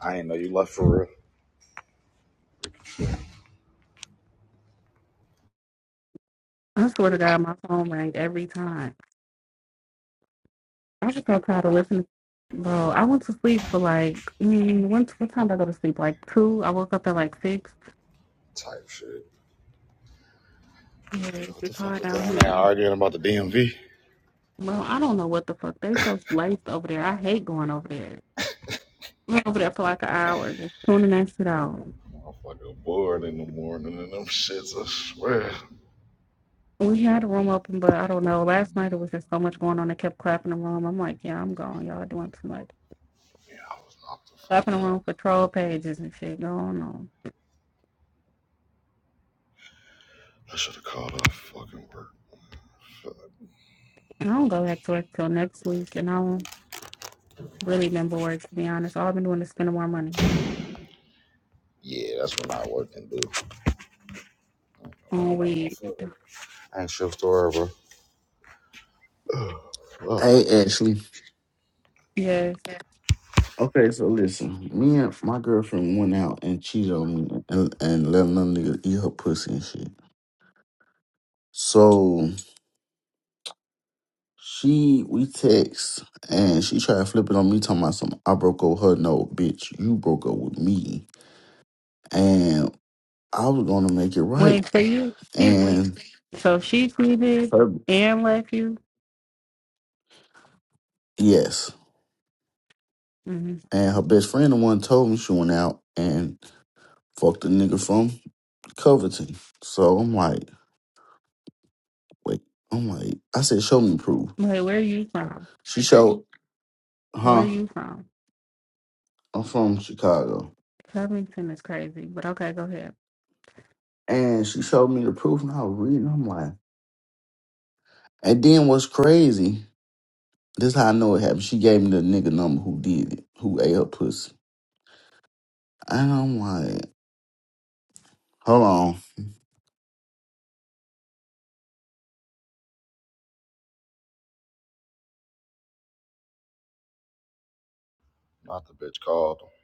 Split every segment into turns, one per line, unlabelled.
I didn't know you left for real.
I swear to God, my phone rang every time. I was just so tired of listening. Bro, I went to sleep for like, mm, when, what time did I go to sleep? Like two? I woke up at like six.
Type shit.
Yeah,
Yeah,
it's
what the fuck
hard
was
out
down there
here.
arguing about the DMV?
Well, I don't know what the fuck. They so late over there. I hate going over there. I Went over there for like an hour, just tuning that shit out.
Motherfucker bored in the morning and them shits, I swear.
We had a room open, but I don't know. Last night it was just so much going on. They kept clapping the room. I'm like, yeah, I'm gone. Y'all doing too much.
Yeah, I was knocked the fuck
Clapping the
out.
room for troll pages and shit going on.
I should have called off fucking work. Fuck.
And I don't go back to work till next week, and I don't really been bored to be honest. All I've been doing is spending more money
Yeah, that's when I work and do. I ain't gonna
on
lie a
weed.
motherfucker. I ain't shift to bro. Ugh, Fuck.
Hey Ashley.
Yes.
Okay, so listen, me and my girlfriend went out and cheated on me and, and let another nigga eat her pussy and shit. So she we text and she tried to flip it on me talking about some I broke up with her. No, bitch, you broke up with me. And I was gonna make it right.
Wait, so you, you
And
so she tweeted
her
and left you?
yes.
hmm
And her best friend the one told me she went out and fucked a nigga from Covington. So I'm like, wait, I'm like, I said, show me proof.
Wait, where are you from?
She showed,
Where are
huh?
you from?
I'm from Chicago.
Covington is crazy, but okay, go ahead.
And she showed me the proof and I was reading. I'm like, and then what's crazy, this how I know it happened. She gave me the nigga number who did it, who ate her pussy. And I'm like, hold on.
Not the bitch called. him.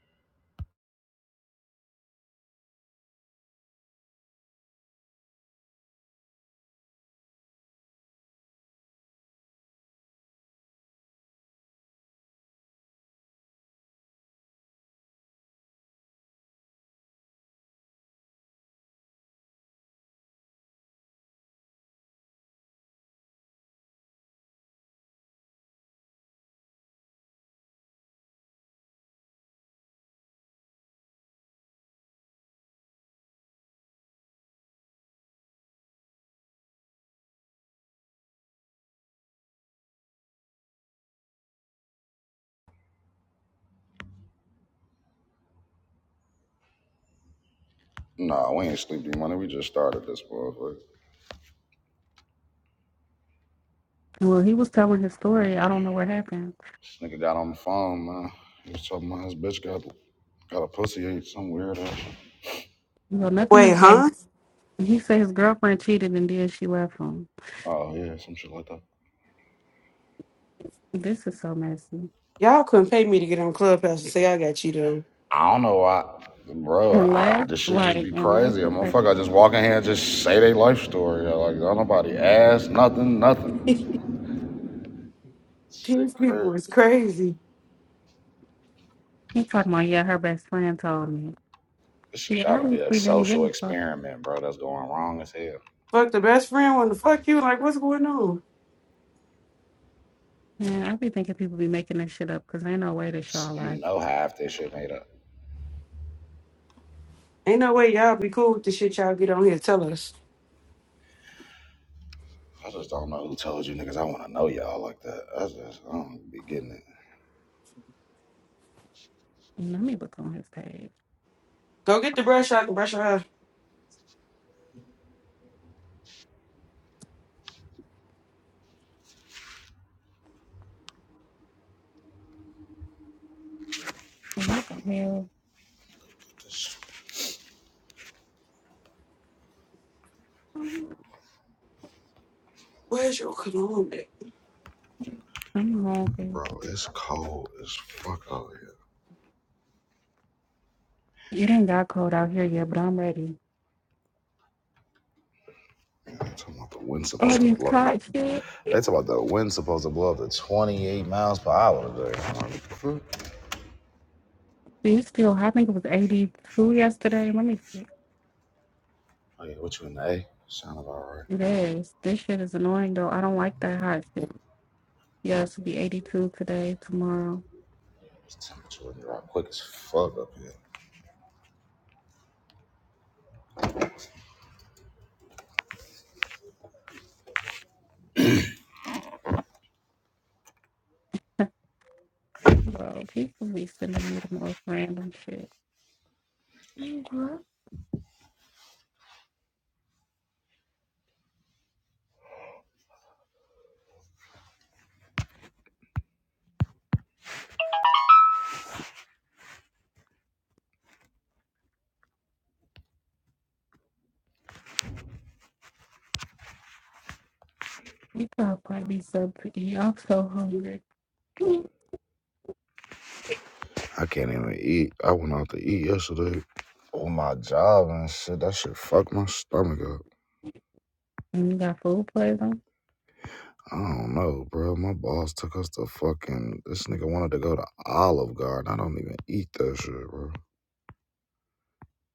Nah, we ain't sleepy money. We just started this motherfucker.
Well, he was telling his story. I don't know what happened.
This nigga got on the phone, man. He was talking about his bitch got got a pussy ate some weird ass.
Well, nothing
Wait,
he said.
huh?
He said his girlfriend cheated and then she left him.
Oh yeah, some shit like that.
This is so messy.
Y'all couldn't pay me to get on Clubhouse and say I got you though.
I don't know why, bro.
And
I,
left,
this shit just
like,
be
and left
crazy. A
the fact
motherfucker just walk in here and just say their life story. yo, Like don't nobody ask nothing, nothing. Shit,
These people
crazy.
is crazy.
he talking about, yeah, her best friend told me.
This shit
Yeah,
gotta be a
obviously didn't give
social
a fuck.
experiment, bro. That's going wrong as hell.
Fuck the best friend wanna fuck you. Like what's going on?
Yeah, I be thinking people be making that shit up because ain't no way that y'all
You
like.
know half this shit made up.
Ain't no way y'all be cool with the shit y'all get on here. Tell us.
I just don't know who told you niggas. I want to know y'all like that. I just I don't be getting it,
Let me look on his page.
Go get the brush out and brush your hair.
And You can hell.
Where's your cologne at?
I'm hungry.
bro. It's cold as fuck out here.
It ain't got cold out here yet, but I'm ready.
Man, they talking about the wind's
Oh,
supposed to
these
blow.
hot shit.
They talking about the wind's supposed to blow up to 28 miles per hour today. I'm like, what the fuck?
Do you still? I think it was 82 yesterday. Let me see.
Oh yeah, which one? The A? Sound about right.
Yes, this shit is annoying though. I don't like that hot shit. Yeah, it's be 82 today, tomorrow.
This temperature would drop quick as fuck up here.
Bro, people be sending me the most random shit. Hey, You probably be so pretty. I'm so hungry. And
I can't even eat. I went out to eat yesterday. On my job and shit, that shit fucked my stomach up.
you got food poison?
I don't know, bro. My boss took us to fucking. This nigga wanted to go to Olive Garden. I don't even eat that shit, bro.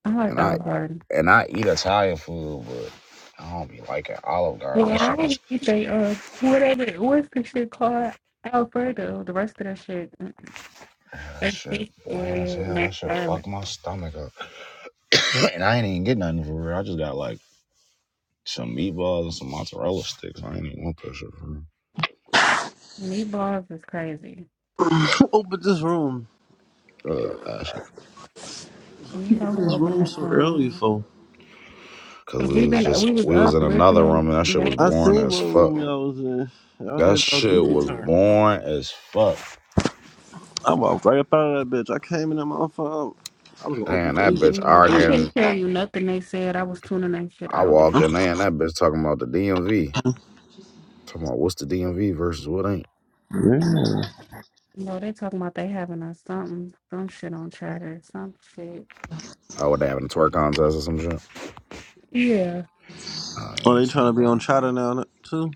I like
And I
Alberta.
and I eat Italian food, but I don't be liking Olive
Well,
Garden. That
I
should be
don't eat they uh whatever what's the shit called Alfredo. The rest of that shit, mm,
that
that's
shit bland as
seafood,
hell.
not
That shit
farming.
fuck my stomach up. and I ain't even get nothing for real. I just got like some meatballs and some mozzarella sticks. I ain't even want that shit from
Meatballs is crazy.
Open this room.
him. uh, Ashley.
You know
Open
who
this
opened
room
that
so early,
phone?
for
Cause
Cause
we
we
was
been
just
we was
we was
up
in another
listening.
room and that shit
Yeah,
was
I
boring
seen
as
what
fuck.
room y'all was in. Y'all
That
had y'all
shit
goofy
was
turn.
boring as fuck.
I walked right up out of that bitch. I came in that motherfucker. I was gonna open
Damn,
my
that
ears.
bitch
you know I
arguing.
couldn't tell you nothing they said. I was tuning that shit
I
out. There.
walk in there and that bitch talking about the DMV. Talking about what's the DMV versus what ain't.
Yeah.
You know they talking about they having a something some shit on chatter some shit.
Oh, what they having a twerk contest or some shit?
Yeah,
Oh
Oh,
yeah,
they
sound
trying to be
about
on
right.
Chatter now too.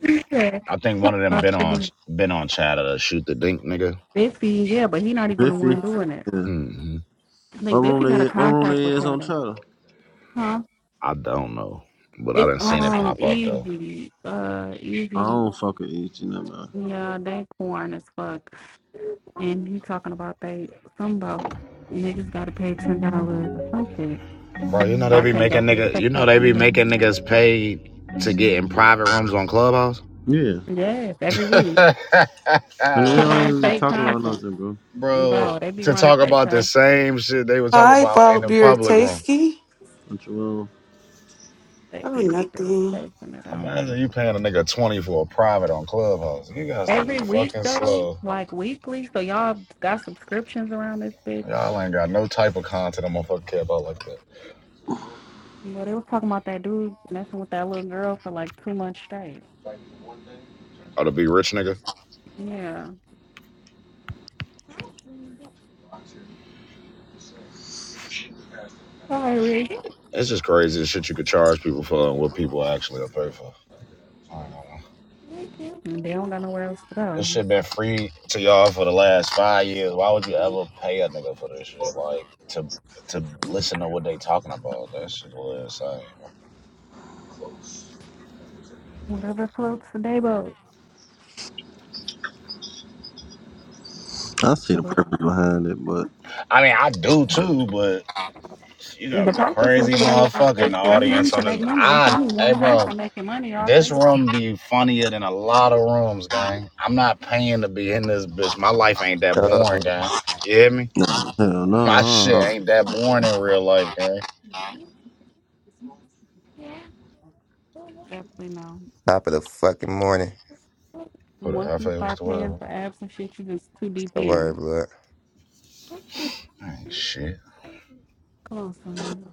yeah.
I think one of them been on
Possibly.
been on chat to shoot the dink nigga.
Biffy, yeah, but he not even the
Biffy.
one doing it.
Yeah.
hmm
I
What
think
room
Biffy got a
they? What room
contract
they
with
is on
Chatter.
Chatter?
Huh?
I don't know, but I
It's
didn't seen it
um
pop up though.
easy. Uh
I
easy
don't fucking eat. You know, man.
yeah, they corn as fuck. And he talking about they some about niggas gotta pay ten dollars or some shit.
Bro, you know they
I
be
can't go
making
to the
nigga,
strip
you know
club
they
for
be making niggas pay to get in private rooms on Clubhouse.
Yeah.
Yes, every week.
And
To
they don't even
fake
talk about
content.
nothing, bro.
Bro,
Bro, they be
to
running
talk
fake
about the
content.
same shit they were talking
Hi,
about in
bald
the
beard
public room.
tasty.
What you want?
They
Oh
be
nothing.
facing it. I don't know
Imagine
what
you paying a nigga 20 for a private on Clubhouse. You guys to
every
be
week
fucking
though,
slow.
like weekly. So y'all got subscriptions around this bitch.
Y'all ain't got no type of content I'm gonna fucking care about like that.
Well, they was talking about that dude messing with that little girl for like two months straight.
Or to be rich nigga.
Yeah. Sorry, Rick.
It's just crazy the shit you could charge people for and what people actually will pay for. I ain't gonna lie.
And they don't got nowhere else to
This shit
go.
been free to y'all for the last five years. Why would you ever pay a nigga for this shit? Like to to listen to what they talking about. That shit was insane, bro.
Whatever floats the day boat.
I see the purpose
The
behind it, but
I mean, I do too, but you gotta be a
purpose is
crazy
for, me,
motherfucker in
is
the
for him
audience on
to
this.
make money. There's
I
only
hey,
one
bro,
person making money off
this
this.
room be funnier than a lot
Mhm.
of rooms, gang. I'm not paying to be in this bitch. My life ain't that
Yo,
boring, gang. You hear me?
hell
My shit
no. I
ain't that boring in real life, gang.
Definitely no.
top of the fucking morning.
And
Who the
once you
hell? What's
start
the word?
paying
bro?
for apps and shit, you just too deep
Don't worry,
in.
blood.
Ain't shit.
Come on,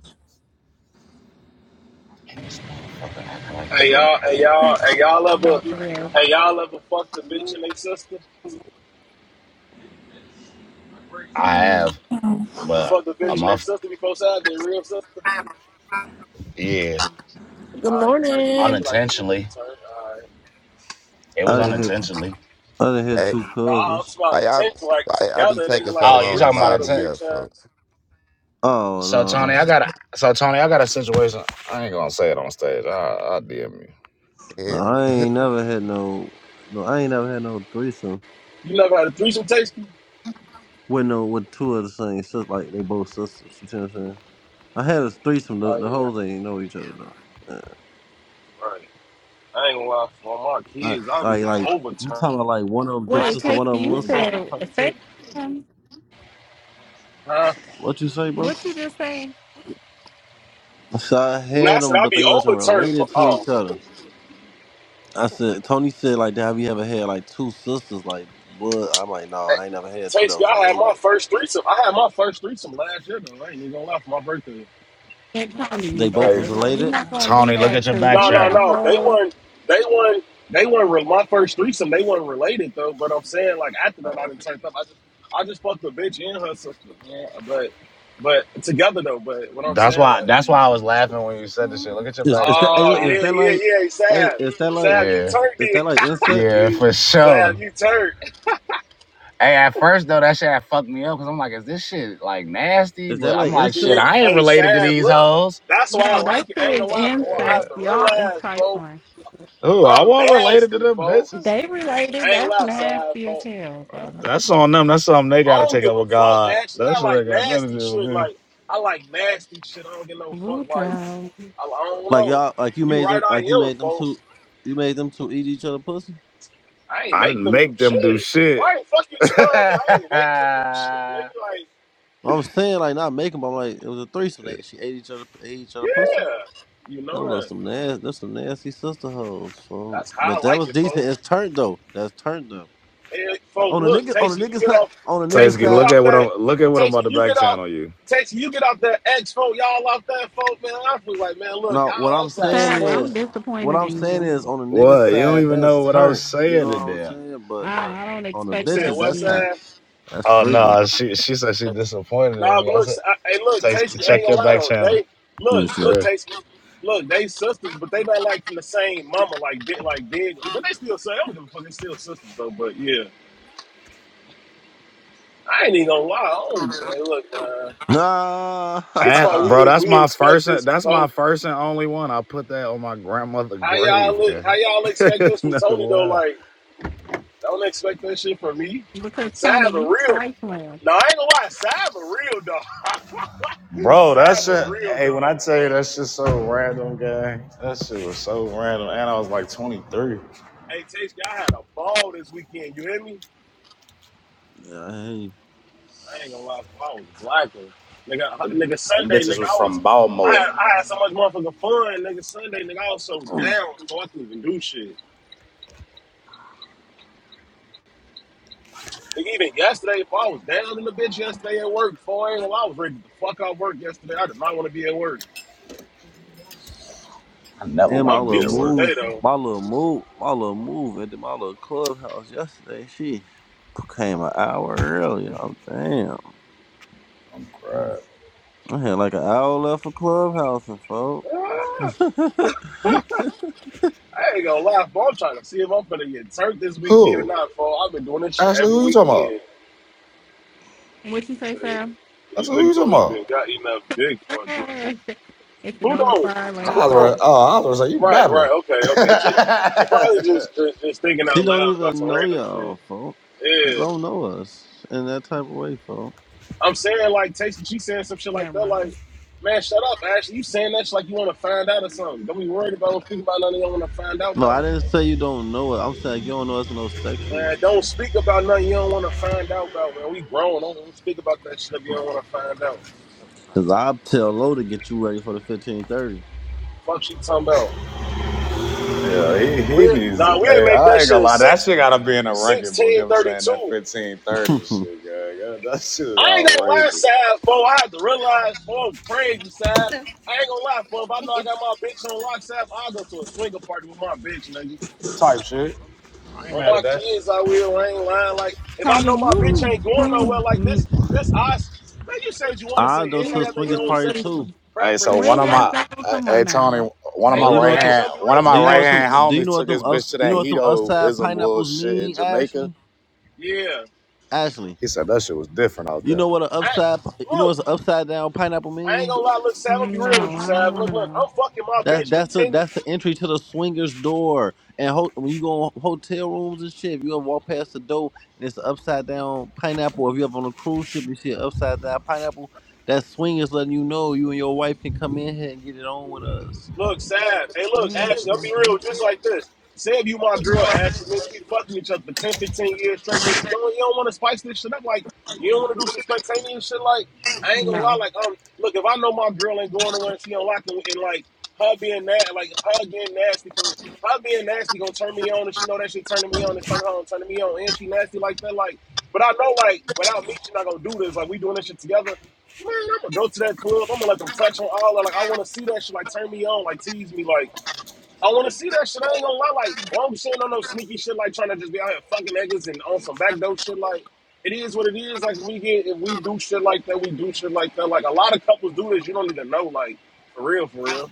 And this motherfucker acting like I'm
Hey y'all,
working.
hey
son.
y'all, hey y'all
No,
ever,
for real.
hey y'all ever fucked a bitch and they sister?
I
I
mean,
have,
You
but
fucked a
a
bitch and
wait.
their
month,
sister before side, they real sister.
yeah,
Good
Uh, you turn, you
morning.
like, you like, yeah, you
unintentionally.
turn. Alright.
It was
didn't hit.
unintentionally.
I didn't hit
But
Hey,
two
no, I'm talking
cousins.
about
why y'all,
intention, like
why y'all be
together,
taking
nigga,
so
like a
oh, you
long to
talking
threesome
about
mob
with a
me
intent?
up,
bitch. Uh,
folks?
So
Oh
Tony,
no,
I got a so Tony, I got a situation. I ain't gonna say it on stage. I DM you.
no,
Yeah.
I ain't never had no, no, I ain't never had no threesome
you never had a threesome taste?
with no with two of the same sisters, like they both sisters. You see what I'm saying? I had a threesome. The,
Oh
the
yeah,
hoes ain't know each other though.
right. I ain't gonna lie, for my
Uh,
kids,
I,
I'll
like,
be
like you
overturned.
talking about like one of them big
What it
sister, one of them little
you
nigga.
sister
so
type
say
shit.
um,
Huh?
What you say, bro?
what you just saying
So I
Nah,
had
I said
them,
I'll
but
be
they wasn't
overturned for.
related to
Oh,
each other. I said, Tony said like, "Damn, have you ever had like two sisters like blood? I'm like, no,
Tasty.
I ain't never had two that was
I had my
related.
first threesome. I had my first threesome last year though. I ain't even gonna lie for my birthday.
and Tony,
They
you
both
Hey
was
that- you're
related.
not gonna do
Tony, look
that
at your
because
back
No,
you
no,
had a
channel.
no. They
whole
weren't. They weren't. They weren't. Re- my first threesome. They weren't related though. But I'm saying like after that, I didn't turn up. I just, I just fucked the bitch and her sister. Yeah, but, but together though. But what I'm
That's
saying
why
like,
that's why I was laughing when you said this
no,
shit. Look at your
Is,
back
is that
channel,
hey
oh
look, is
Tony.
yeah,
that
yeah,
like
yeah.
hey
Sab,
is that like
Sab, you
Yeah,
is
turned
that like insect?
yeah,
it.
for
Sab,
sure.
you turned.
Hey, at first though, that shit had fucked me up because I'm like, is this shit like nasty?
Is that
But I'm
like
like,
She,
shit,
insect?
ain't-
I ain't
hey,
related to
Sab,
these
look.
hoes.
That's why I
that
like it. I ain't
shit is
gonna lie, for I have
Yeah.
incest.
to
Y'all is
realize, folk,
trifling.
Ooh, I
I'm
not related to
nasty,
them
folk.
bitches.
They related,
I ain't
that's
gonna lie, Sab,
nasty as
folk.
hell, bro.
That's on them. That's something they
I
gotta
don't
take
give
up
a
with
fuck.
God.
Actually, I
That's what they
like
got nothing
nasty
to do
shit.
with me.
Like I like nasty shit. I don't give no
Blue
fuck. Like
time.
I, I don't
Like
know.
y'all like you
You
made
right?
them like you
I am,
made them
folk.
two you made them two eat each other pussy?
I ain't
I
make
didn't
them do
make them do
shit.
shit.
Right? Fucking time.
Tasty,
but I ain't make them do shit. Nigga, like
I'm saying like not making but I'm like it was a threesome they she ate each other ate each other pussy.
yeah. You know
Them know
that.
some nasty there's some nasty sister hoes. So
That's how
but
I
that
like
was
it,
decent.
folk.
It's turned though. That's turned though.
Hey, folk,
On the
look,
nigga on
Tasty,
the
you
nigga
get
side
off.
on the nigga
Tasty, you get
side
look
off
at what
that.
I'm look at what I'm about
Tasty,
to
you
back
get off.
channel you.
Tasty, you get off that X, folk. Y'all off that, folk, man. I feel like, man, look,
no what
y'all,
I'm
let's have some
saying
Fab,
fun.
I'm
is what
disappointed
I'm
in
saying
you.
is on the nigga
What? You don't
side
even know
that's
what I was
turned. You
saying
know what
in
I'm
there.
saying? But
I, I don't
on the
You
expect
said
bitches.
that from
That's
West
you.
kind of
Ave.
that's
Oh
freaky.
no, she she said she disappointed in
Nah,
me.
but
I
look,
said,
I, hey, look,
Tasty,
Tasty, I ain't
check
gonna
your
lie
back
though.
channel.
They
Let me
look,
see.
look,
Chris.
Tasty, look, they sisters, but they not like from the same mama, like dead, like dead, like, but they still say I don't give a fuck. They still sisters though, but yeah, I ain't even gonna lie. I don't, hey, look, man,
Nah,
she's
At,
my
yeah,
bro,
we
that's
we
my
expect
first and
this from
that's
Tony.
my first and only one. I put that on my grandmother's
How y'all
grave,
li- how
gang.
y'all expect this from
no
Tony though?
lie.
Like, don't expect that shit from me.
Because Tony,
Sav a
you
real.
trifling.
No, I ain't gonna lie. Sav a real dog.
Bro, that
Sav a
shit.
real
Hey, when I
dog,
tell
bro.
you that shit so random, gang. That shit was so random, and I was like 23.
Hey, Tasty, I had a ball this weekend. You hear me?
hey.
I ain't gonna lie, I was blacking. Nigga,
Them,
nigga,
them
Sunday,
bitches
nigga,
was
I was,
from
I had,
Baltimore.
I had so much motherfucking fun, nigga. Sunday, nigga, I was so down, so I couldn't even do shit. Nigga, even yesterday, if I was down in the bitch yesterday at work, for I ain't gonna lie, I was ready to fuck out work yesterday. I did not want to be at work.
I never
and
want
my
I'm
to be
little
at
decent
work.
move,
today though.
my little move, my little move, and then my little clubhouse yesterday. She came an hour early. I'm damn.
I'm crying.
I had like an hour left for clubhouse, and folks.
Ah, I ain't gonna lie, for I'm trying to see if I'm gonna get turned this weekend or
Who?
not, for I've been doing this shit
Ashley,
every
who you talking
weekend.
about?
What you say,
So
Sam?
I
these
said, who you
niggas don't
talking
even
about?
got enough dick for a threesome.
if you
Who
don't
don't?
apply, let it
I
Who
was
fly.
don't?
like, oh, I was like, you
Right,
babbling.
right, okay, okay. She she probably just just, just thinking
she
out
don't
loud about
even
some
know
random
y'all,
shit.
folks.
Yeah.
Don't know us in that type of way, folks.
I'm saying like Taysom, she saying some shit like
Never
that,
mind.
like, man, shut up, Ashley. You saying that shit like you wanna find out or something. Don't be worried about don't speak about nothing you don't wanna find out
No,
about.
I didn't say you don't know us. I'm saying you don't know us in no sexual way,
Man,
man.
don't speak about nothing you don't wanna find out about, man. We grown, don't, don't speak about that shit if you don't wanna find out.
Cause I'll tell Lo to get you ready for the fifteen thirty.
Fuck she talking about.
yeah, he,
We
he needs it.
nah, we didn't
Hey,
make that
I ain't
shit
gonna
a
lie. That
six
shit gotta be in a record book.
sixteen
Him
thirty
saying that
two.
1530 shit, gang. that shit is
I ain't gonna lie,
outrageous.
Sav, for I had to realize, for I'm crazy, Sav. I ain't gonna lie, for if I know
Thank
I
you.
got my bitch on lock, Sav, I'll go to a swinger party with my bitch, nigga.
Type shit. I ain't
On
mad
my
at that.
kids, I will. I ain't lying. Like, if I
Tony,
know my bitch
you
ain't going nowhere
too,
like this,
mm-mm.
this I, man, you say what you want to say.
I'll go to
Everybody
a
you
got their
swingers
own
too
party
sexual pre-
too.
fishy.
Hey, so
preference,
one
bro.
of
Swingers,
my
Like,
though,
hey
come on
hey, Tony,
now.
one of
hey,
my
But you
look,
know
right
what the
Ash,
hand
I'm be real.
one of
with you.
my
do
Look,
you know
right
what
Ashley,
them
hand
listen.
do you know
homies
what
took
them
his bitch
ups
to
you know
that
what them upside
hedoism little
pineapples
shit in
mean,
Jamaica.
Ashley?
Yeah.
Ashley.
He said that shit was different out
You
there.
know what an upside
I,
you know
look,
what's an upside down pineapple
I ain't
mean?
gonna lie. Look, Sav, I'm be real with
No,
you,
I don't
Sav.
want
Look,
to
look,
know.
I'm fucking my
That's
bitch for
that's the
10.
that's the entry to the swingers door. And ho- when you go on hotel rooms and shit, if you ever walk past the door and it's an upside down pineapple, if you up on a cruise ship, you see an upside down pineapple. That swingers letting you know you and your wife can come in here and get it on with us,
Look, Sab.
nigga.
Hey, look, Ashley, I'm be real,
Mm-mm.
just like this. Say if you my girl, Ashley, man, you be fucking each other for 10, 15 years straight. You, you don't, you don't want to spice this shit up. Like, you don't want to do some spontaneous shit. Like, I ain't gonna lie.
No.
Like, um, look, if I know my girl ain't going nowhere and she unlocking, and like, her being that, like, her getting nasty for her being nasty gonna turn me on, and she know that shit turning me on and turn her on, turning me on, and she nasty like that. Like, but I know, like, without me, she not gonna do this. Like, we doing this shit together. Man, I could go to that club. I'm gonna let them touch on all. that. Like, I want to see that shit. Like, turn me on. Like, tease me. Like, I want to see that shit. I ain't gonna lie. Like, well, I'm saying on no sneaky shit. Like, trying to just be out here fucking niggas and on some backdoor shit. Like, it is what it is. Like, we get if we do shit like that, we do shit like that. Like, a lot of couples do this. You don't even know. Like, for real, for real.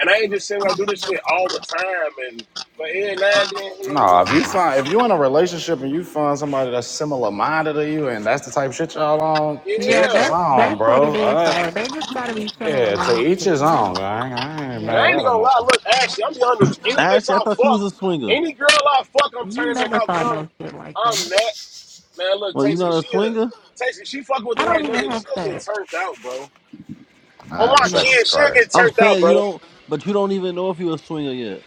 And I ain't just saying like do this shit all the time. And but yeah, now and then, hell yeah, I don't give
No, if you
no
find
fuck.
if you in
Like,
a relationship and you find somebody that's similar minded to you and that's the type of shit y'all on, to
Yeah,
each his
yeah.
that's
own,
that's what it
bro.
is,
Uh,
though. They just gotta be similar
yeah, to
minded
each
people.
his
I
own. I ain't, I ain't
But I
mad
Yeah,
ain't
at a
gonna lie,
motherfucker.
look, actually, I'm beyond with you. Any bitch
Ashley, I
I
thought you was
fuck,
a swinger.
any girl I fuck, I'm
you
turning them
never
out
saw
because I'm,
no shit like that.
I'm that. Man, look,
Well, you
Tasty,
not a
she a,
swinger.
Tasty, she fucking with the
I don't
right
even
nigga,
have
she'll get
sex.
turned out, bro.
I
On
having
my
No,
sex is
kids, she'll
crazy.
get
I'm
turned out,
saying you
bro.
don't, but you don't even know if you a swinger yet.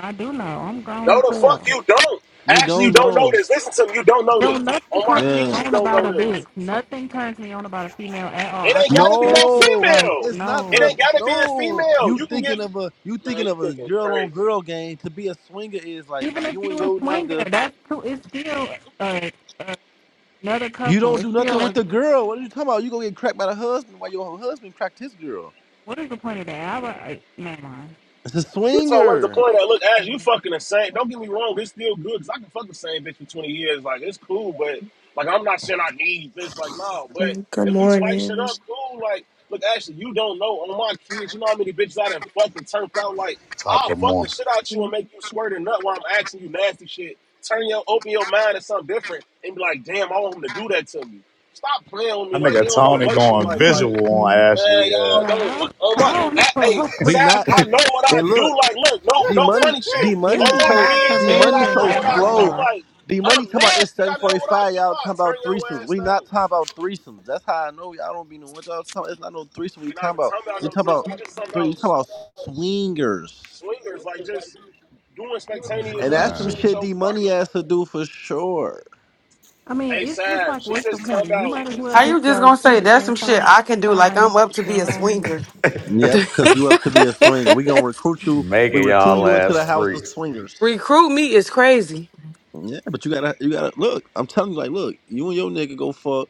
I do know. I'm grown
No,
as
the fuck
hell.
you don't.
You
Actually, you
don't
don't know
know.
this. Listen to me, you don't know
Yo,
this.
nothing
On my
turns me
Yeah.
kids, you
on
don't
about
know
a
this.
bitch. Nothing turns me on about a female at all.
It
I
ain't
think
gotta be no
that's it.
No,
Like,
female.
it's not
It
the
no.
ain't gotta be a
no.
female.
You
You can get,
thinking of a you
man,
thinking
you
of a
thinking
girl on
crazy.
girl game. To be a swinger is like
Even if
you and
you a
your
swinger,
nigga.
that's too. It's still uh, another
You
couple.
don't do
It's
nothing
still.
with
A,
the girl. What are you talking about? You gonna get cracked by the husband while your husband cracked his girl.
what is the point of that? I, I, never mind.
It's a
You told what is the
swinger.
point of that? Look, Ash, you fucking insane. Don't get me wrong, it's still good because I can fuck the same bitch for 20 years. Like, it's cool, but like, I'm not saying I need this. Like, no, but
Good
if we spice shit
morning.
up, cool. Like, look, Ashley, you don't know on my kids, you know how many bitches I done fucked and turned out. Like,
Top of
I'll
the
fuck the
morning.
shit out you and make you squirt a nut while I'm asking you nasty shit. Turn your, open your mind to something different and be like, damn, I want him to do that to me. Stop playing with me.
That
Like, you
nigga
don't know
Tony
what you
going
like. Like,
visual on
What?
Ashley.
Man,
Yeah.
y'all don't.
Well,
On
I
my,
don't
I, hey,
know.
Be
Sav,
not
I know what I
and
do.
look.
Like, look, no,
D
no
money,
funny shit.
D
This
On
money,
is
my
so
not
kid's
D
head,
money
I
convincing
know
so
at
what I do.
slow.
all.
Like,
D money
I'm
talking about it's
nasty.
seven
I
forty
know what I
five.
do.
Y'all
I
talking about
turn your
threesomes.
ass
We not
down.
talking about threesomes. That's how I know y'all don't be knowing what y'all talking. It's not no threesome. We
we not
talking
even
about.
talking about
We
no
talking
threes.
about.
We just talking
three- You
about
talking
s-
about swingers,
swingers. Like, just doing
I'm
spontaneous
and that's
ass
some
shit
crying.
with
shit
your
D money
partner.
has to do for sure.
I mean,
Hey,
it's just
Sav,
like,
she
what's the
just
point?
talking
You
about.
might as well
How you
just
just
go
gonna say
cheat
that's
and
some shit
find
I can do like
find
I'm up to
your
be a
own.
swinger?
Yep, because you up to be a swinger. We gonna recruit you. We
Making
recruit
y'all
you into
ass
the house of
freaks.
swingers.
Recruit me is crazy.
Yeah, but you gotta, you gotta look. I'm telling you, like, look, you and your nigga go fuck.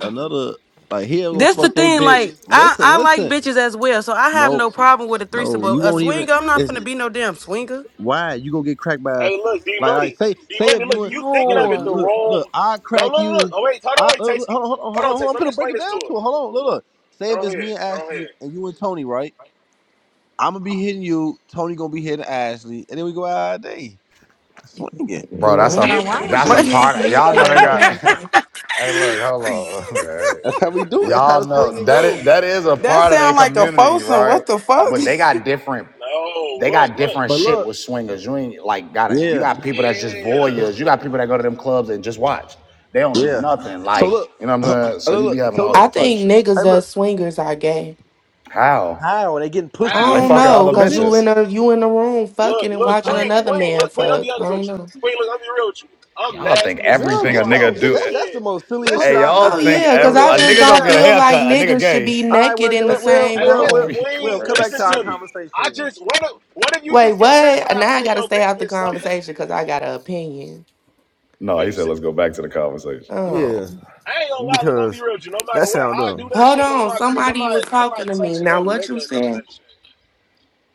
another like he'll go
This the
fuck they
thing,
bitch.
like I,
Listen,
I like
listen.
bitches as well, so I have
No,
no problem with a threesome.
no,
But
you
a
won't even.
swinger, I'm not
It's
finna be no damn swinger.
why you gonna get cracked by
Hey, look, D
like like
money,
say
D
say if
money. Look,
you and
you thinking
look
of it
look
the
No.
look
wrong.
I
No,
crack
look, look.
you.
Oh wait, hold
I
on,
uh,
wait,
hold on
Tasty.
hold on hold on
Hold on,
hold on.
Tasty.
I'm
Let me
gonna break
explain
it
this
down
to
to
her.
it. Hold on look look. Say if
Go
it's me
ahead.
and
Go ahead.
Ashley and you and Tony right. I'm gonna be hitting you. Tony gonna be hitting Ashley, and then we go out all day swinging.
Bro, that's
Yeah,
Now,
we
a
can
why
do this
would
shit.
that's
you
In
a
What?
this.
use
part of,
me
Listen
y'all
though,
know
for
look
they
though.
got
example?
hey look, hold on. Hey.
That's how we do. it. That's how
Y'all
the
know
swinging
that
goes.
is, that is a
that
part of their
sound like a
community,
foursome.
right?
What the fuck?
But they got different
No,
they
look,
got
look.
different
But
shit with
look,
swingers. You ain't like got it. You
yeah,
got people that's just
Yeah.
voyeurs. You got people that go to them clubs and just watch. They don't do
yeah.
nothing.
So
Like,
look,
you know what I'm saying?
look,
So you be
look
having
so
all
look.
I
different type of
think
shit.
niggas
Hey,
that
look.
swingers are gay.
How?
How are they getting
I
pussy? Is
How?
Like
you
don't
fucking
fucking
know,
other
cause
stupid?
you
bitches.
in a you in the room fucking
Look,
and
You
look,
watching
know.
Queen,
another
Queen,
man
look, Queen. I'll be
fuck. I
honest
don't
with you.
know.
Queen, look, I'll be real with you. I'm
Y'all think
nasty as hell,
Girl,
but
everything
on
a
get
my
your.
nigga
Get,
kid's
do.
that's that's the
head.
most
I
silliest shit
Hey,
Listen.
I
don't know,
y'all
heard.
think
That's
yeah, cause
every
silly as
I
a
just
nigga
hell.
go
don't
get a
feel
Yeah.
like
haircut? A nigga
niggas should
gay?
be
All right, well,
naked in
then,
the
well, well,
same
Hey,
well,
y'all
look,
well,
be
room.
well,
Queen.
come back
Listen
to our
to
crazy.
me. I
conversation then.
just what if what if you
Wait,
just get satisfied?
what?
out
Now I
seeing
gotta
your
stay
bitch
out the
get slutted. That's,
conversation cause I got an opinion.
No,
well,
he
you
said
said
let's go back to the conversation.
Yeah,
Um,
I ain't gonna lie. Look, I'm gonna be
because
real with you. No matter
that
what,
sound
I do
dumb.
that
hold
shit, but on
on,
my kids, I'm
somebody was
not. I'm
talking
not
to me.
touching
Now
no
what
nigga
you
or none of
said?
that shit.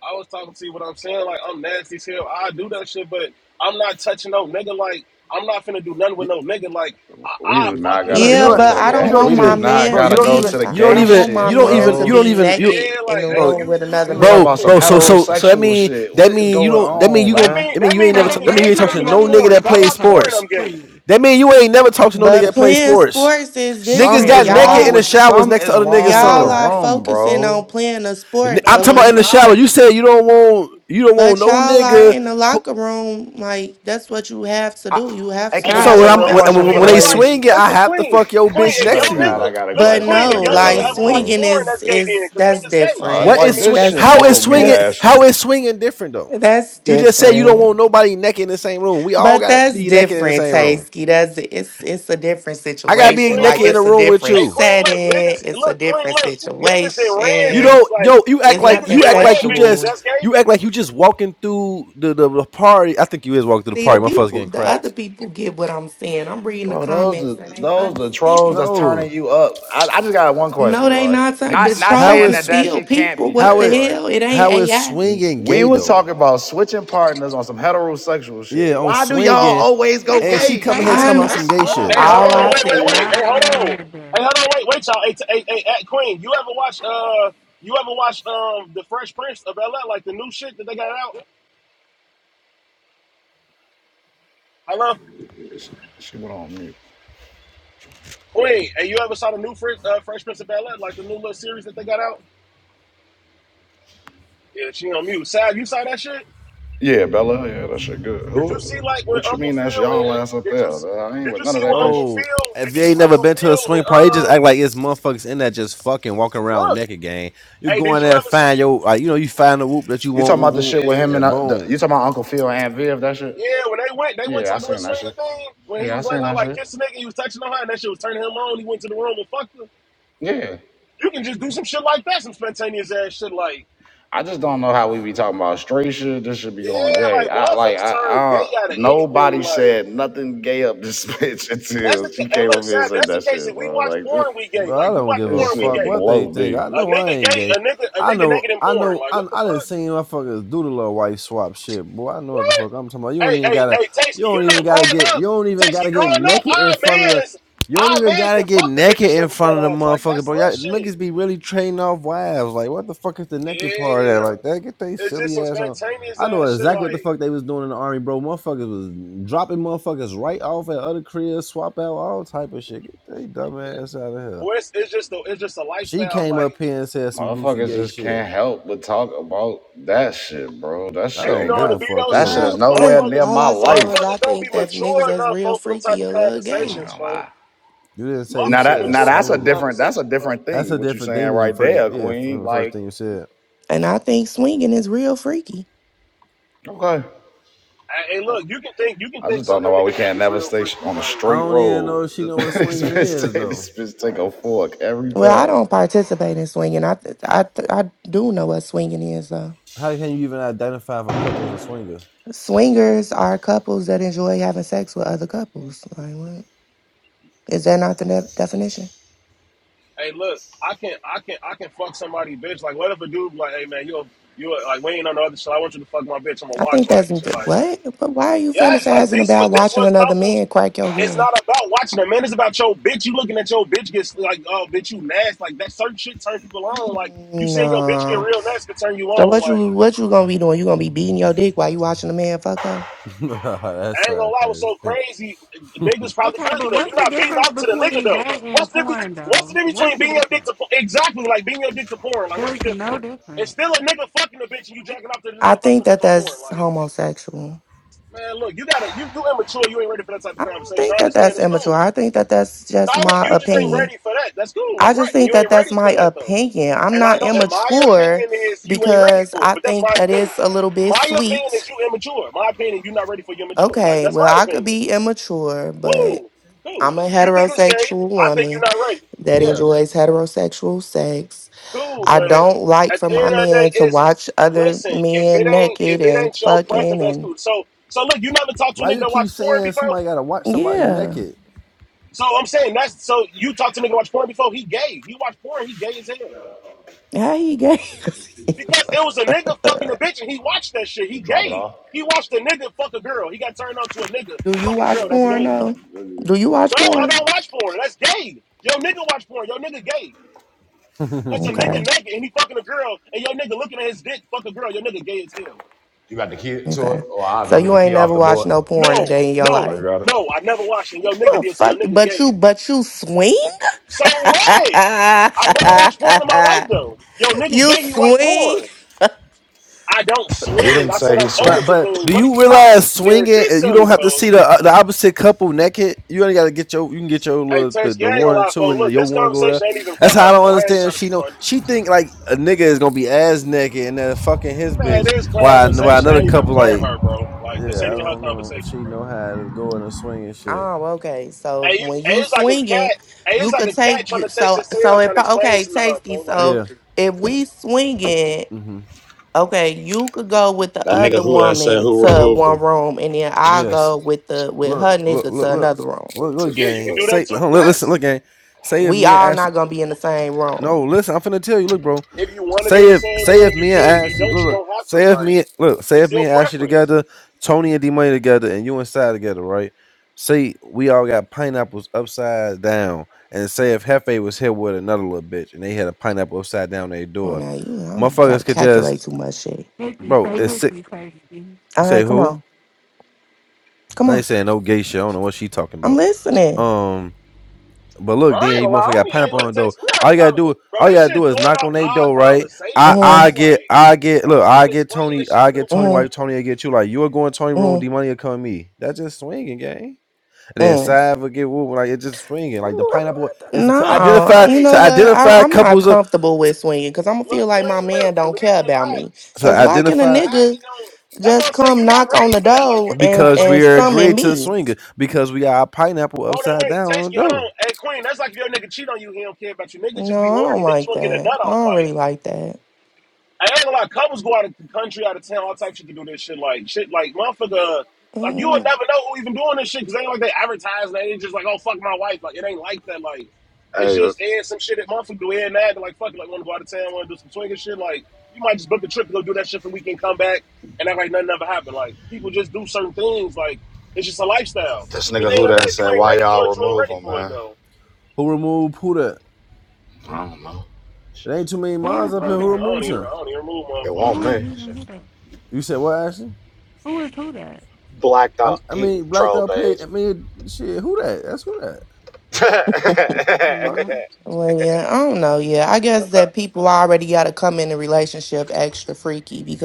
I was talking to you what I'm saying. Like I'm nasty as hell. I do that shit, but I'm not touching no nigga. Like I'm not finna do nothing with
You,
no nigga. Like
We
I, I
do
fuck
not
his
you,
gotta
Yeah,
you're
bitch
go
right.
and
to
but
the
I
seeing
don't
You
my
gay.
don't
want
We
bitch
do
my
get
even,
fucked.
not
man
bro. You
to
gotta
don't
go
even.
be
to the
I
You
I
don't
gay
don't
even.
want my
You
shit,
don't
man
even.
to
You
bro.
don't
be
even. You,
naked
Yeah,
in
like
the
bro,
ain't
room
you
with
you
another
We
you
was talking
bro,
you
about
man.
some
bro.
thinking
So, so, so that
heterosexual
mean
shit.
that
What is
mean you
going
don't. That mean
on,
you
that
gonna.
man?
mean
I mean
that
you
mean
ain't
the
never.
Bro,
T- that
nigga
mean you
let's
gay
ain't
for
talk
not
to
looking
no
at
nigga
move
porn.
the
that
If I
plays
watch porn,
goalpost,
sports.
I'm gay.
please.
That mean you ain't never talked to no nigga
But
that plays
playing
sports.
sports is
Niggas
Some
different.
got
is
naked
wrong
in the
Y'all
with
showers
some
next to
is
other
No,
niggas.
it's
wrong with the
y'all
Some
not.
are
room,
focusing on
bro.
playing a
And
sport,
I'm
but
No,
talking
when
about
it's
in the
you
shower.
not.
You said you don't want you don't want
but
no
y'all are
nigga.
in the
who-
locker room, like that's what you have to
I,
do. You have
hey,
to
can
Hey,
I
So
ask
wash
when
a
Queen,
I'm
up
real
listen,
after.
question
when, when
Queen.
for
when
the
they
That's like
ladies?
swing it, I
listen,
have to
Queen.
fuck your
I
Queen,
bitch
if yo
swear
next
to
to
God,
you.
I
nigga
got a
listen,
But
question
Queen,
for
if
the
no,
yo nigga
like
girls,
ever watch
bro.
swinging
porn,
is
that's gay then,
is
cause
that's
niggas gay.
Uh,
What
different.
I
like
is
mean,
this
swing?
niggas
shit
That's
How is
blow
naked.
me,
swinging?
that's
Ashley.
How is swinging different though?
that's
You just said you don't
different.
want nobody naked in the same room. We all
But
gotta
that's
be naked in the
different,
same room.
Tasky. That's it's it's a different
I
Hey
gotta be
situation.
Queen,
Like
naked in a
it's
listen.
a
room with
different
Hey
you.
Queen, look,
setting.
niggas,
It's a
look, Queen,
different
look, niggas that ran
You
situation.
don't
bitches like
yo. You act
It's
like
niggas
nothing
you
that
act like
ran
you
bitches.
just
sexual.
That's gay.
you act like you just walking through the the, the party. I think you is walking through the
See the
party. My fuck's
people,
getting
the other
cracked.
people get what I'm saying. I'm reading the
Bro, those
comments and
the
they
those the trolls
understand.
that's
No,
turning you up. I, I just got one question,
No, they
right?
not. sir. The
Not
s-
not
how
trolls
saying
is
that
is
that
still
shit can't
people.
be
What
how
gay,
the
it
right?
hell? It ain't
how is
AI.
swinging
We
gay
was
though?
talking about switching partners on some heterosexual shit.
Yeah, on
Why do y'all
swinging,
always go
That's
and
what I'm
she
gay,
coming here
I
talking
I
man?
saying.
about
know.
some
That,
What's
gay
bro,
wrong
shit,
Hey,
with
I
hold
All
swear
on,
I
wait,
y'all,
to
said
wait,
man?
wait.
was
Hey, hold on.
God.
Hey, hold on, wait, wait, y'all. Hey, t- hey, hey, hey, Queen, you ever watch uh, you ever watch um, the Fresh Prince of Bel Air, like the new shit that they got out? Hello,
She went on mute.
Queen. Hey, you ever saw the new Fresh, uh, Fresh Prince of Bel Air, like the new little series that they got out? Yeah, she on mute. Sad, you saw that shit?
Yeah, Bella. Yeah, that shit good.
Did
Who?
you see like with
What you
Uncle
mean
Phil?
that's
And,
y'all
and-
ass up
did you
there? I ain't
did
with
you
none
see
of that
what
gay shit.
Uncle
bro.
Phil? Did
If
you
you
see
ain't
what
never
Uncle
been to a
Phil and
swing party, they just
um
act like it's motherfuckers in there just fucking walking
uh,
around
look?
naked. Gang, you
Hey,
go
did
in
you
there
ever see?
find your like you know you find the whoop that you
You
want,
talking
whoop
about the
whoop,
shit with him
Yeah,
and
and
uh, the, you
boom.
talking about Uncle Phil and Aunt Viv? That shit.
yeah. When they went, they went
Yeah,
to
I
like a little
seen that
swinger
shit.
thing. When he
Yeah, I
was like,
seen
out
that
like
shit.
kissing nigga, he was touching on her, and that shit was turning him on. He went to the room and fucked her.
Yeah,
You can just do some shit like that, some spontaneous ass shit like
I just don't know how we be talking about straight shit. This should be
yeah,
going gay.
like
I like
motherfuckers
I,
turn
I
gay out of
nobody
anything. Like
said nothing gay up this bitch
that's
until
the ca-
she
and
came
look,
up here and
Sab,
said
that's the
that
case. If
shit,
we
bro.
watch
Like this,
porn, we gay.
Bro, I
Like we
don't
watch
give a
this
porn, we
fuck
shit
gay.
what they
blow
think. I
me.
A
know I
nigga
ain't
gay,
gay.
a nigga, a
I
nigga
know,
naked in
I
porn.
know,
Like
I,
what the
I
fuck?
done seen motherfuckers do the little wife swap shit, boy. I know what the
What?
fuck I'm talking about. You don't
Hey,
even
hey,
gotta,
hey,
you
Tasty, you
don't
know
even
growing
gotta get, you
up,
don't even
Tasty,
gotta
growing
get
up,
naked
our
in front of the,
mans,
you don't
our
even
mans
gotta
that
get
fuck the bitch and
naked in
stuff in
front
front
of
of
the
us. Like,
motherfucker,
that's
bro.
little
Y'all
shit.
niggas be really trading off wives. Like, what the fuck is the naked part of that? Like,
Yeah.
that get they
It's just
silly
some
ass on.
spontaneous
I know
ass shit.
exactly what the
Like,
fuck they was doing in the army, bro. Motherfuckers was dropping motherfuckers right off at other cribs, swap out all type of shit. Get they dumb ass out of here.
boy, it's, it's just a, it's just a
She
lifestyle.
came
Like,
up here and said some goofy
Motherfuckers
gay
just
shit.
can't help but talk about that shit, bro. That
I
and
shit
you
don't
ain't
know what
give
the
got
a fuck
B-Dog
that shit
either.
is
all,
said?
nowhere near
Motherfuckers,
all
my
I said was
life.
I
motherfuckers don't be
think that niggas
mature
that's
enough,
real
folks, for them type
freaky
of
a little
I'm
gay.
conversations,
gonna
folks.
lie.
You didn't say
Motherfuckers
you
Now
don't be
that
said
now
mature enough for
that's a
them
swinging.
different that's a
conversations, bro.
different
That's
thing.
a
What you
different thing
saying
than you
right
first.
there,
Yeah,
Queen?
from the first
Like
thing you said.
and I think swinging is real freaky.
okay.
Hey, hey, look, you can think, you can
I
think
just don't
sucking
know
a
why we
nigga dick
can't
is
never
real
stay sh-
freaky.
on a
Like,
I
straight
don't even know
road.
if she know what
this
swinging
bitch,
is
take-
though.
this bitch take a fork every
Well, I
time.
don't participate in swinging. I th- I th- I do know what swinging is though.
How can you even identify if a couple is a swinger?
Swingers are couples that enjoy having sex with other couples. Like what? Is that not the de- definition?
hey, look, I can I can I can fuck somebody bitch. Like what if a dude be like, hey man, you you like we ain't on the other shit. I want you to fuck my bitch. I'm gonna
I
watch
think that's
like shit like
what. But why are you
Yes, like
fantasizing
this is what
about
this is
watching
what
another
couples
man crack your
it's
girl?
not about watching them, man. It's about your bitch. You looking at your bitch gets like, oh bitch, you nasty. Like that certain shit turn people on. Like you seeing your bitch get
No.
real nasty can turn you
So
on.
what
Like.
you what you gonna be doing? You gonna be beating your dick while you watching the man fuck her?
That's
I ain't gonna
sad,
lie, it was so
crazy.
crazy. Niggas probably could
Okay,
do
but
that.
what's
You're
the
not beating
difference
out to the nigga
between
though.
that and
What's the difference?
porn,
What's the
though?
difference
What's
between
the
being your dick
difference?
to exactly like being your dick to porn? Like what's the
There's
difference?
no
It's
difference.
still a nigga fucking a bitch and you jacking off to this
I
nigga fucking a
think
bitch
that
on porn.
that's
Like
homosexual.
man, look, you gotta you you immature. You ain't ready for that type of
I don't
conversation.
think
I
that
understand.
that's
It's
immature.
cool.
I think that that's
No,
just
look,
my
you just ain't
opinion.
ready for that. That's cool.
I
Like
just
right, and
think
you
that
ain't
that's
ready for
my
that though.
opinion. I'm
And I
not
know, and my
immature
opinion is you ain't ready
because
for it,
I
but that's
think
my
that
opinion.
it's a little bit
My opinion is
sweet.
you immature. My opinion, you are not ready for your mature. Like
Okay,
that's
well
my
I could
opinion.
be immature, but
Cool, cool.
I'm a
You think it's gay?
heterosexual
I think you're
woman
not right.
that
Yeah,
enjoys heterosexual sex.
cool.
I
But
don't like
at
for
the
my
end of the day,
man to
it's
watch other
listen. If it
men
ain't
naked
if it
and
ain't your
fucking
preference, that's
and
cool. So so look, you never talked to a
Why
nigga
you
that
keep
watched porn
saying
before.
somebody gotta watch somebody
yeah.
naked?
So I'm saying that's so you talked to a nigga that watched porn before. He gay. He watched porn. He gay as hell
How he gay?
because it was a nigga
Uh,
fucking a bitch and he watched that shit. He
We drop it
gay.
off.
He watched a nigga fuck a girl. He got turned on to a nigga
Do you
fucking a girl.
watch
That's
porn
gay.
though?
You
Do you watch
No, I
porn?
don't watch porn. That's gay. Yo, nigga watch porn. Yo, nigga gay. Cause a
All
nigga
Okay,
naked and he fucking a girl and your nigga looking at his dick, fuck a girl, your nigga gay as hell.
got the key to it?
okay.
Or I'll
So
go get
you
the key
ain't
off
never
the
watched
board.
no porn a
No,
day in your
no,
Oh, you
life.
got it.
no, I never watched it. Your nigga
Well,
did see your
fuck.
nigga
But
gay.
you, but you swing.
So what? I never watched porn in my life though. Yo nigga
you
gay, he watch
swing.
porn. I don't
He
swing.
didn't
I said
say he
I'm
swung.
open
But
to
but
things.
do
What are
you
you talking?
realize
Yeah,
swinging?
she's
uh, You don't
silly,
have to
folks.
see the uh, the opposite couple naked. You only got to get your you can get your
Hey,
little the,
Tersh, you
the
ain't gonna
one or
lie,
two
folks.
and the,
Look,
your
this
one go there.
conversation ain't even for
That's how I
her,
don't
folks. I ain't
understand.
trying to
She
be
know
funny.
she think like a nigga is gonna be ass naked and then fucking his
Man,
bitch.
this
Why why
conversation
another
ain't
Mm,
even
couple
for
like
her, bro. Like, this
yeah I
ain't even
okay.
her
don't know if
conversation,
she
bro.
know how to go in a swing and shit.
Oh, okay. So
Hey, you-
when
hey,
you
it's like a
swinging,
cat. Hey, it's
you
like
could
a cat
take
trying
you.
to taste
So
its tail,
so
trying
if
to
I,
explain
okay,
something to her.
Tasty.
For like,
So
Yeah.
if we swinging,
Mm-hmm.
okay, you could go with the
That nigga
other
who said
woman
who
to
removed
one
him.
room, and then I'll
Yes.
go with the with
Look
her
look
nigga
look
to
look
another room.
look look
yeah, you can
gang.
do that
Say hold
too.
on, li- listen
Yes,
look gang. Say if
We
me and
all
Ashley.
not gonna be in the same
No
room.
listen I'm finna tell you look bro.
if you want to be in
Say
the
if
same
say
room,
if
you
me and
can. If you
Ashley
don't,
look,
you
look
don't have to.
say if
Like,
me look say
it's
if me
your
and Ashley
preference.
together, Tony and D Money together, and you inside together, right? Say we all got pineapples upside down, and say if Hefe was here with another little bitch, and they had a pineapple upside down their
Come on
door,
now, you I'm gotta
motherfuckers could just
calculate too much shit.
Nikki,
bro.
say
It's sick.
Nikki, say Nikki.
All
Say
right, come
who?
on. Come
I
on.
ain't saying no gay shit. I don't know what she talking
I'm
about.
listening.
Um, But
Bro,
look,
I ain't
then you
gonna lie. I
motherfucker
don't
got
need. Hey,
pineapple
look,
on the dough.
text. We had
All
a
you gotta
conversation,
do,
bro.
all you
This
gotta
shit
do is
throwing
knock
off
on their
our
door, right? I,
conversation, bro.
Mm-hmm.
I get,
Like,
I get,
I
look,
don't
I
want to
get
explain
Tony,
this shit
I
to
get Tony.
nobody.
Why
Mm-hmm.
Tony? I get you. Like you are going Tony room, D
Mm-hmm.
money will come me. That's just swinging, gang. And then
mm-hmm.
Sav will get woo, like it's just swinging. Like the pineapple is to
Hey, look,
No,
identify
you
Queen.
to
know what? I,
identify
I'm not
couples of
comfortable
to,
with swinging because I'm gonna
Look,
feel like my
Queen.
man
Look,
don't
believe it
care
or
about
not,
me.
to
Because why can a
identify
how he
nigga
don't. That's what
just
I'm saying.
come
You're not
knock on
ready
the
for that. Like,
door
you're just
and
not
because
ready
and
we are
for that,
summon
agreed
though.
to
me?
swinging because we got our pineapple
Hold on,
upside
wait,
down on
Tasty,
the
hold
dough.
on. Hey, Queen, that's like if your nigga cheat on you, he don't care about you. Niggas just be
No, I don't
horny. Niggas
like
want to get a
that.
nut
I
off,
don't
like.
really like that.
I ain't gonna lie, couples go out of the country, out of town, all types of shit to do this shit. Like shit, like motherfucker, like you would
Mm.
never know who even doing this shit because ain't like they advertise. They ain't just like, oh fuck my wife. Like it ain't like that. Like it's
hey,
just and some shit that motherfucker do and that. They're like fuck, it, like want to go out of town, want to do some swinging shit. Like you might just book a trip to go do that shit for a weekend, come back and act like nothing ever happened. Like people just do certain things. Like it's just a lifestyle.
This
But at
nigga
the
who
end of the day, if you
said
ain't
why
ready for
y'all
it, you ain't
remove
ready
him,
for it
man.
though.
Who removed who the?
I don't know.
It ain't too many
Who
moms
is
I
up
who
here
don't
who
even, I
that?
don't
removed
even,
Who,
I
him.
don't even
It won't
who
move
is
me.
even who that?
You said what, Ashley?
Who is who that?
Blacked
i
out.
I
He
mean, Black
troll
Dog Pay.
page.
I mean, shit, who that? That's who that. Fuck.
Yeah.
Well, yeah, I don't know. Yeah, I
motherfuckers.
guess that people already got to come in a relationship extra freaky